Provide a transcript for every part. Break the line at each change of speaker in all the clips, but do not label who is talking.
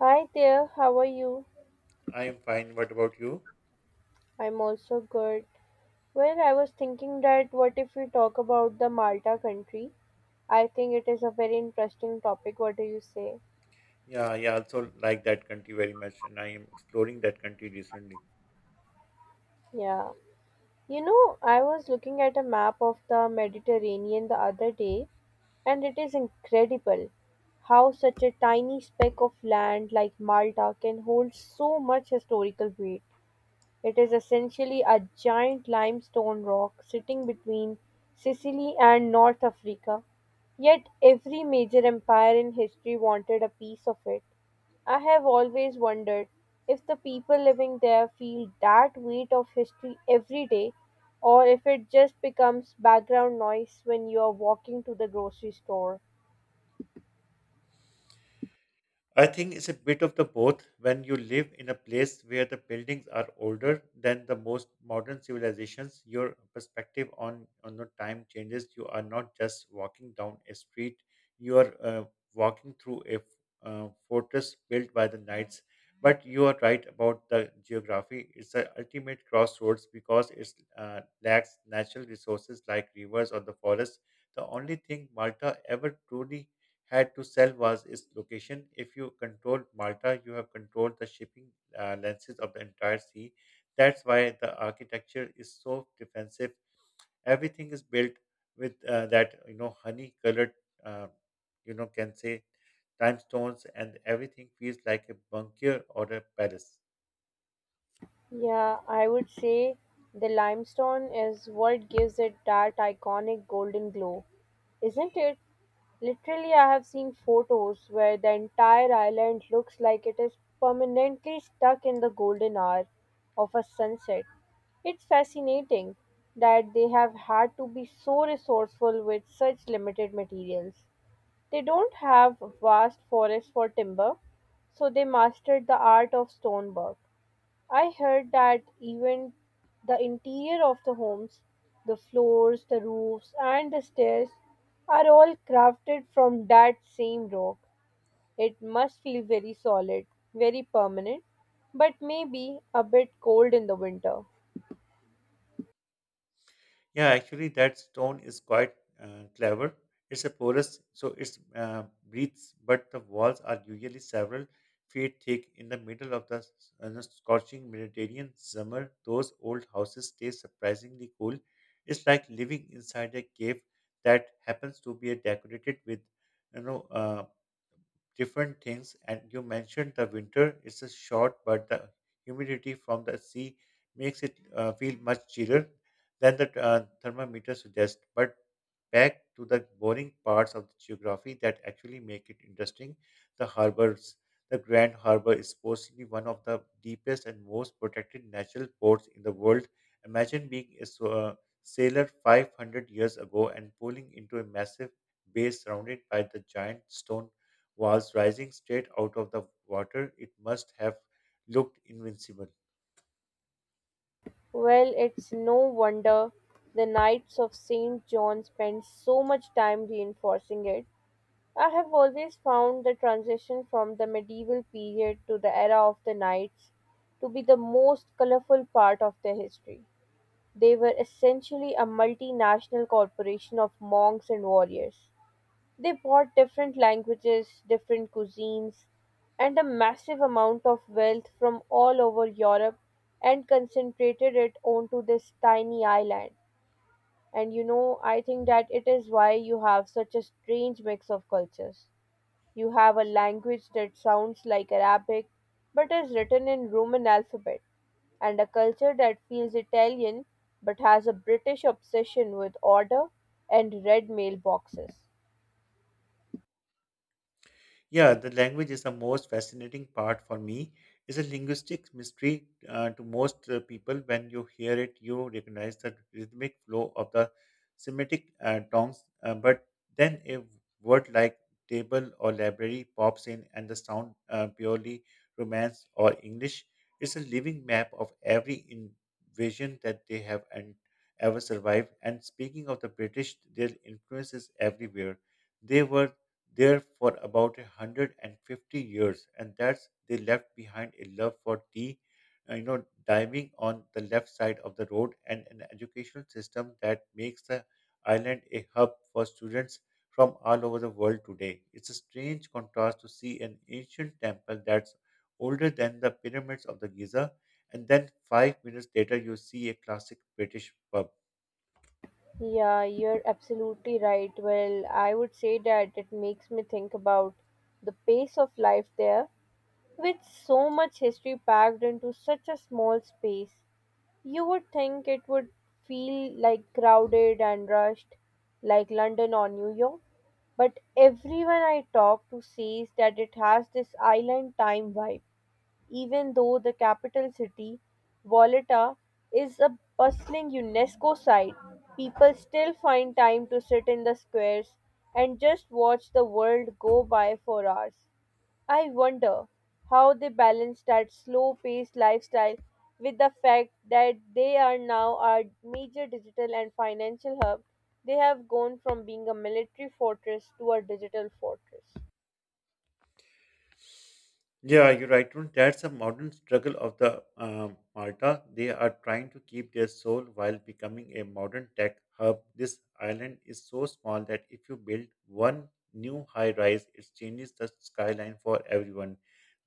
Hi there, how are you?
I am fine. What about you?
I'm also good. Well, I was thinking that what if we talk about the Malta country? I think it is a very interesting topic. What do you say?
Yeah, I also like that country very much, and I am exploring that country recently.
Yeah. You know, I was looking at a map of the Mediterranean the other day, and it is incredible how such a tiny speck of land like Malta can hold so much historical weight. It is essentially a giant limestone rock sitting between Sicily and North Africa, yet every major empire in history wanted a piece of it. I have always wondered if the people living there feel that weight of history every day or if it just becomes background noise when you are walking to the grocery store.
I think it's a bit of the both. When you live in a place where the buildings are older than the most modern civilizations, your perspective on the time changes. You are not just walking down a street; you are walking through a fortress built by the knights. But you are right about the geography. It's the ultimate crossroads because it lacks natural resources like rivers or the forest. The only thing Malta ever truly had to sell was its location. If you controlled Malta, you have controlled the shipping lenses of the entire sea. That's why the architecture is so defensive. Everything is built with that you know honey colored uh, can say time stones, and everything feels like a bunker or a palace.
Yeah, I would say the limestone is what gives it that iconic golden glow, isn't it? Literally, I have seen photos where the entire island looks like it is permanently stuck in the golden hour of a sunset. It's fascinating that they have had to be so resourceful with such limited materials. They don't have vast forests for timber, so they mastered the art of stonework. I heard that even the interior of the homes, the floors, the roofs, and the stairs are all crafted from that same rock. It must feel very solid, very permanent, but maybe a bit cold in the winter.
Yeah, actually, that stone is quite clever. It's a porous, so it breathes, but the walls are usually several feet thick. In the middle of the the scorching Mediterranean summer, those old houses stay surprisingly cool. It's like living inside a cave that happens to be decorated with, you know, uh, different things. And you mentioned the winter is a short, but the humidity from the sea makes it feel much chiller than the thermometer suggests. But back to the boring parts of the geography that actually make it interesting, the harbors. The Grand Harbor is supposedly one of the deepest and most protected natural ports in the world. Imagine being a sailor 500 years ago and pulling into a massive bay surrounded by the giant stone was rising straight out of the water. It must have looked invincible.
Well, it's no wonder the Knights of St. John spend so much time reinforcing it. I have always found the transition from the medieval period to the era of the knights to be the most colorful part of their history. They were essentially a multinational corporation of monks and warriors. They brought different languages, different cuisines, and a massive amount of wealth from all over Europe and concentrated it onto this tiny island. And you know, I think that it is why you have such a strange mix of cultures. You have a language that sounds like Arabic but is written in Roman alphabet, and a culture that feels Italian but has a British obsession with order and red mailboxes.
Yeah, the language is the most fascinating part for me. It's a linguistic mystery to most people. When you hear it, you recognize the rhythmic flow of the Semitic tongues. But then a word like table or library pops in, and the sound purely Romance or English. It's a living map of every invasion that they have and ever survived. And speaking of the British, their influence is everywhere. They were there for about a 150 years, and that's they left behind a love for tea, diving on the left side of the road, and an educational system that makes the island a hub for students from all over the world today. It's a strange contrast to see an ancient temple that's older than the pyramids of the Giza, and then 5 minutes later you see a classic British pub.
Yeah, you're absolutely right. Well, I would say that it makes me think about the pace of life there, with so much history packed into such a small space. You would think it would feel like crowded and rushed, like London or New York, but everyone I talk to says that it has this island time vibe, even though the capital city, Valletta, is a bustling UNESCO site. People still find time to sit in the squares and just watch the world go by for hours. I wonder how they balance that slow paced lifestyle with the fact that they are now a major digital and financial hub. They have gone from being a military fortress to a digital fortress.
Yeah, you're right, Tarun. That's a modern struggle of the Malta. They are trying to keep their soul while becoming a modern tech hub. This island is so small that if you build one new high rise, it changes the skyline for everyone.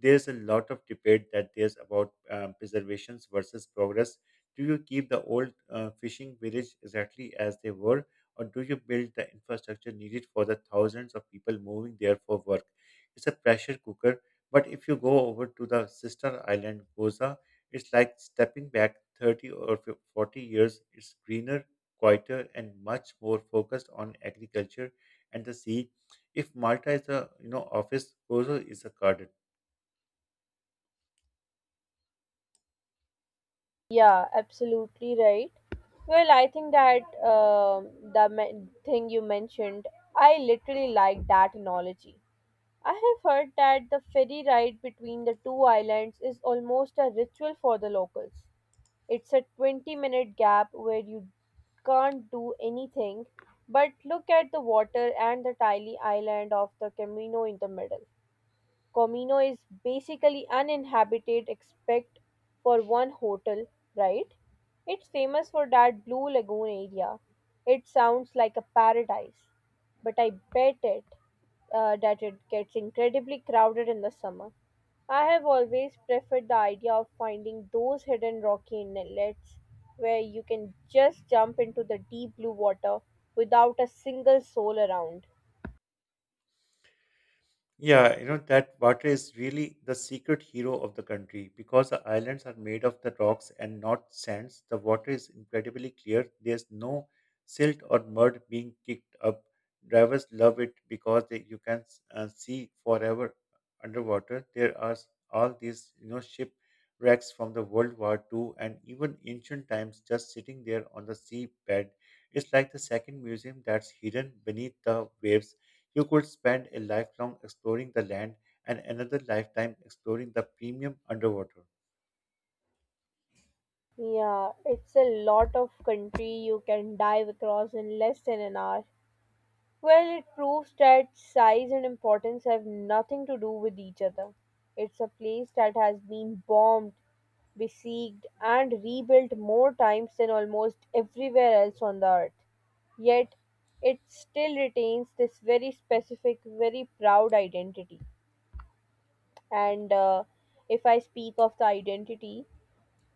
There's a lot of debate that there's about preservations versus progress. Do you keep the old fishing village exactly as they were, or do you build the infrastructure needed for the thousands of people moving there for work? It's a pressure cooker, but if you go over to the sister island, Goza, it's like stepping back 30 or 40 years. It's greener, quieter, and much more focused on agriculture and the sea. If Malta is a you know office, Gozo is a garden.
Yeah, absolutely right. Well, I think that thing you mentioned, I literally like that analogy. I have heard that the ferry ride between the two islands is almost a ritual for the locals. It's a 20-minute gap where you can't do anything but look at the water and the tiny island of the Camino in the middle. Comino is basically uninhabited except for one hotel, right? It's famous for that blue lagoon area. It sounds like a paradise, but I bet it that it gets incredibly crowded in the summer. I have always preferred the idea of finding those hidden rocky inlets where you can just jump into the deep blue water without a single soul around.
Yeah, you know that water is really the secret hero of the country because the islands are made of the rocks and not sands. The water is incredibly clear. There's no silt or mud being kicked up. Drivers love it because they, you can see forever underwater. There are all these, you know, ship wrecks from the World War II and even ancient times just sitting there on the seabed. It's like the second museum that's hidden beneath the waves. You could spend a lifelong exploring the land and another lifetime exploring the premium underwater.
Yeah, it's a lot of country you can dive across in less than an hour. Well, it proves that size and importance have nothing to do with each other. It's a place that has been bombed, besieged, and rebuilt more times than almost everywhere else on the earth. Yet, it still retains this very specific, very proud identity. And If I speak of the identity,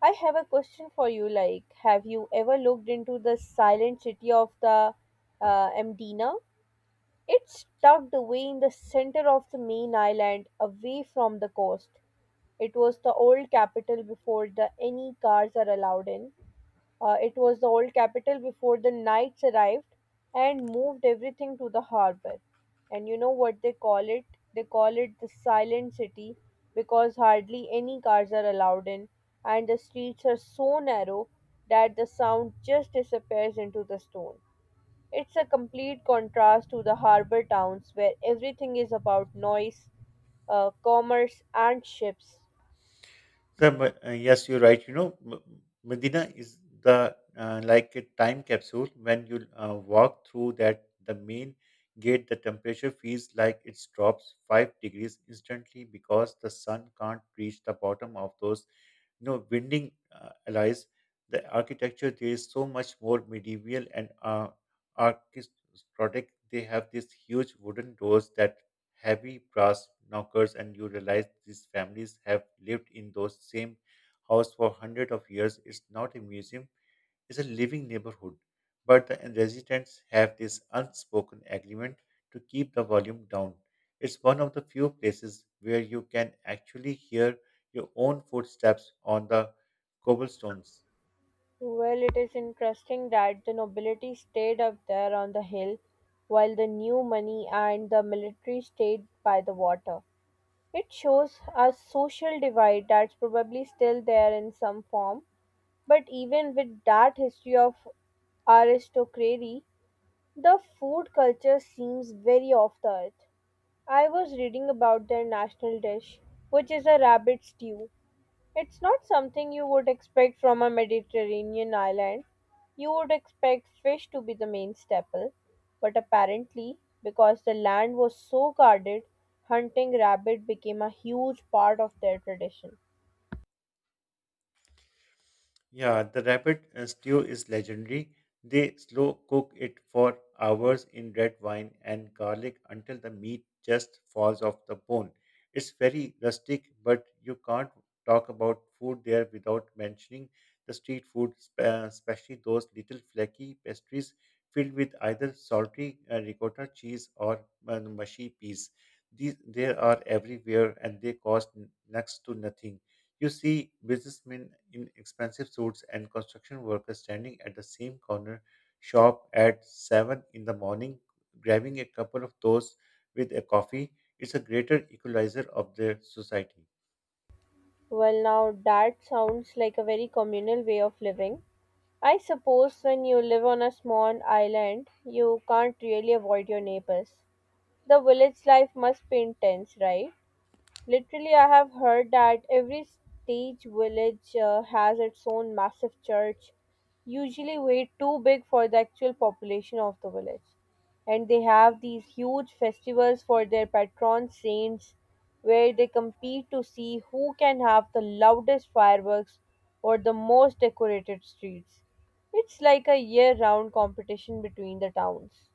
I have a question for you. Like, have you ever looked into the silent city of the Mdina? It's tucked away in the center of the main island, away from the coast. It was the old capital before the any cars are allowed in. It was the old capital before the knights arrived and moved everything to the harbor. And you know what they call it? They call it the silent city because hardly any cars are allowed in, and the streets are so narrow that the sound just disappears into the stone. It's a complete contrast to the harbour towns where everything is about noise, commerce, and ships.
So, you're right. You know, Medina is the like a time capsule. When you walk through that, the main gate, the temperature feels like it drops 5 degrees instantly because the sun can't reach the bottom of those, you know, winding alleys. The architecture there is so much more medieval and architectonic. They have these huge wooden doors that heavy brass knockers, and you realize these families have lived in those same house for hundreds of years. It's not a museum, it's a living neighborhood. But the residents have this unspoken agreement to keep the volume down. It's one of the few places where you can actually hear your own footsteps on the cobblestones.
Well, it is interesting that the nobility stayed up there on the hill while the new money and the military stayed by the water. It shows a social divide that's probably still there in some form, but even with that history of aristocracy, the food culture seems very off the earth. I was reading about their national dish, which is a rabbit stew. It's not something you would expect from a Mediterranean island. You would expect fish to be the main staple, but apparently, because the land was so guarded, hunting rabbit became a huge part of their tradition.
Yeah, the rabbit stew is legendary. They slow cook it for hours in red wine and garlic until the meat just falls off the bone. It's very rustic, but you can't talk about food there without mentioning the street food, especially those little flaky pastries filled with either salty ricotta cheese or mushy peas. These they are everywhere and they cost next to nothing. You see businessmen in expensive suits and construction workers standing at the same corner shop at 7 in the morning, grabbing a couple of those with a coffee. It's a greater equalizer of their society.
Well, now that sounds like a very communal way of living. I suppose when you live on a small island, you can't really avoid your neighbors. The village life must be intense, right? Literally, I have heard that every stage village has its own massive church, usually way too big for the actual population of the village. And they have these huge festivals for their patron saints, where they compete to see who can have the loudest fireworks or the most decorated streets. It's like a year round competition between the towns.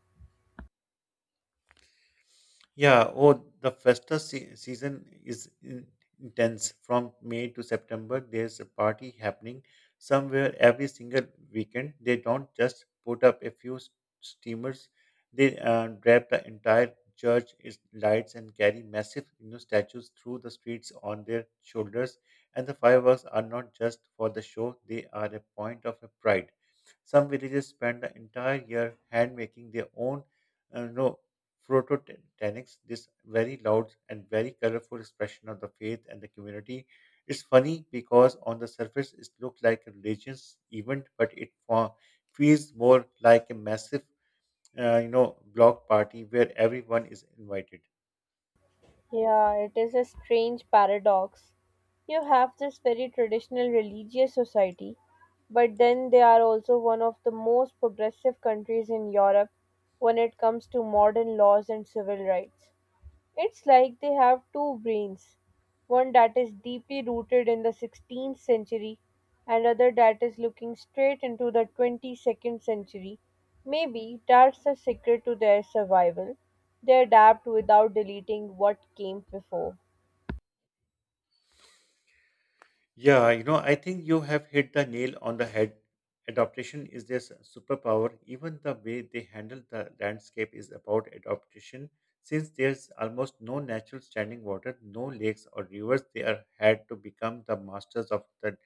Yeah, oh, the festa season is intense. From May to September, there's a party happening somewhere every single weekend. They don't just put up a few steamers, they drap the entire church in lights and carry massive you know, statues through the streets on their shoulders. And the fireworks are not just for the show, they are a point of pride. Some villages spend the entire year hand making their own Prototanics, this very loud and very colorful expression of the faith and the community. It's funny because on the surface it looks like a religious event, but it feels more like a massive, block party where everyone is invited.
Yeah, it is a strange paradox. You have this very traditional religious society, but then they are also one of the most progressive countries in Europe when it comes to modern laws and civil rights. It's like they have two brains, one that is deeply rooted in the 16th century, and other that is looking straight into the 22nd century. Maybe that's the secret to their survival. They adapt without deleting what came before.
Yeah, you know, I think you have hit the nail on the head. Adaptation is their superpower. Even the way they handle the landscape is about adaptation. Since there's almost no natural standing water, no lakes or rivers, they are had to become the masters of the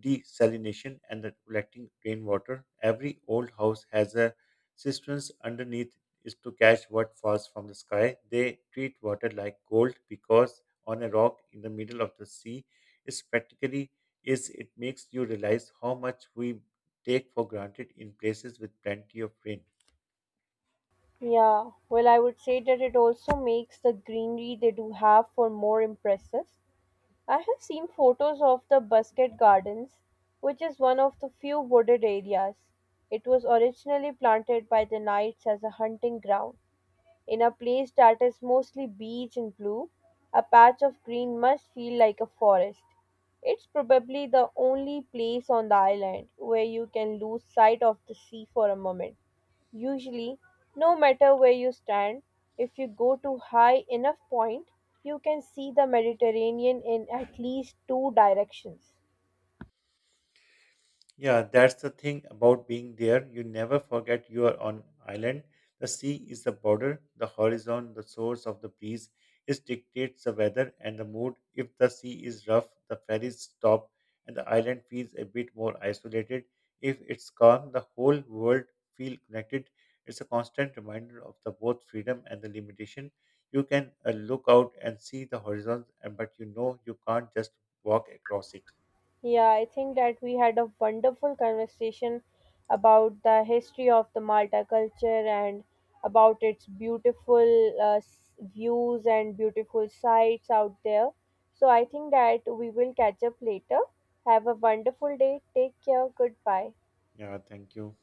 desalination and the collecting rainwater. Every old house has a cisterns underneath is to catch what falls from the sky. They treat water like gold because on a rock in the middle of the sea is practically is it makes you realize how much we take for granted in places with plenty of rain.
Yeah, well, I would say that it also makes the greenery they do have for more impressive. I have seen photos of the Busket Gardens, which is one of the few wooded areas. It was originally planted by the Knights as a hunting ground. In a place that is mostly beige and blue, a patch of green must feel like a forest. It's probably the only place on the island where you can lose sight of the sea for a moment. Usually, no matter where you stand, if you go to high enough point, you can see the Mediterranean in at least two directions.
Yeah, that's the thing about being there. You never forget you are on island. The sea is the border, the horizon, the source of the breeze. It dictates the weather and the mood. If the sea is rough, the ferries stop and the island feels a bit more isolated. If it's calm, the whole world feel connected. It's a constant reminder of the both freedom and the limitation. You can look out and see the horizon, but you know you can't just walk across it.
Yeah, I think that we had a wonderful conversation about the history of the Malta culture and about its beautiful views and beautiful sights out there. So I think that we will catch up later. Have a wonderful day. Take care. Goodbye.
Yeah, thank you.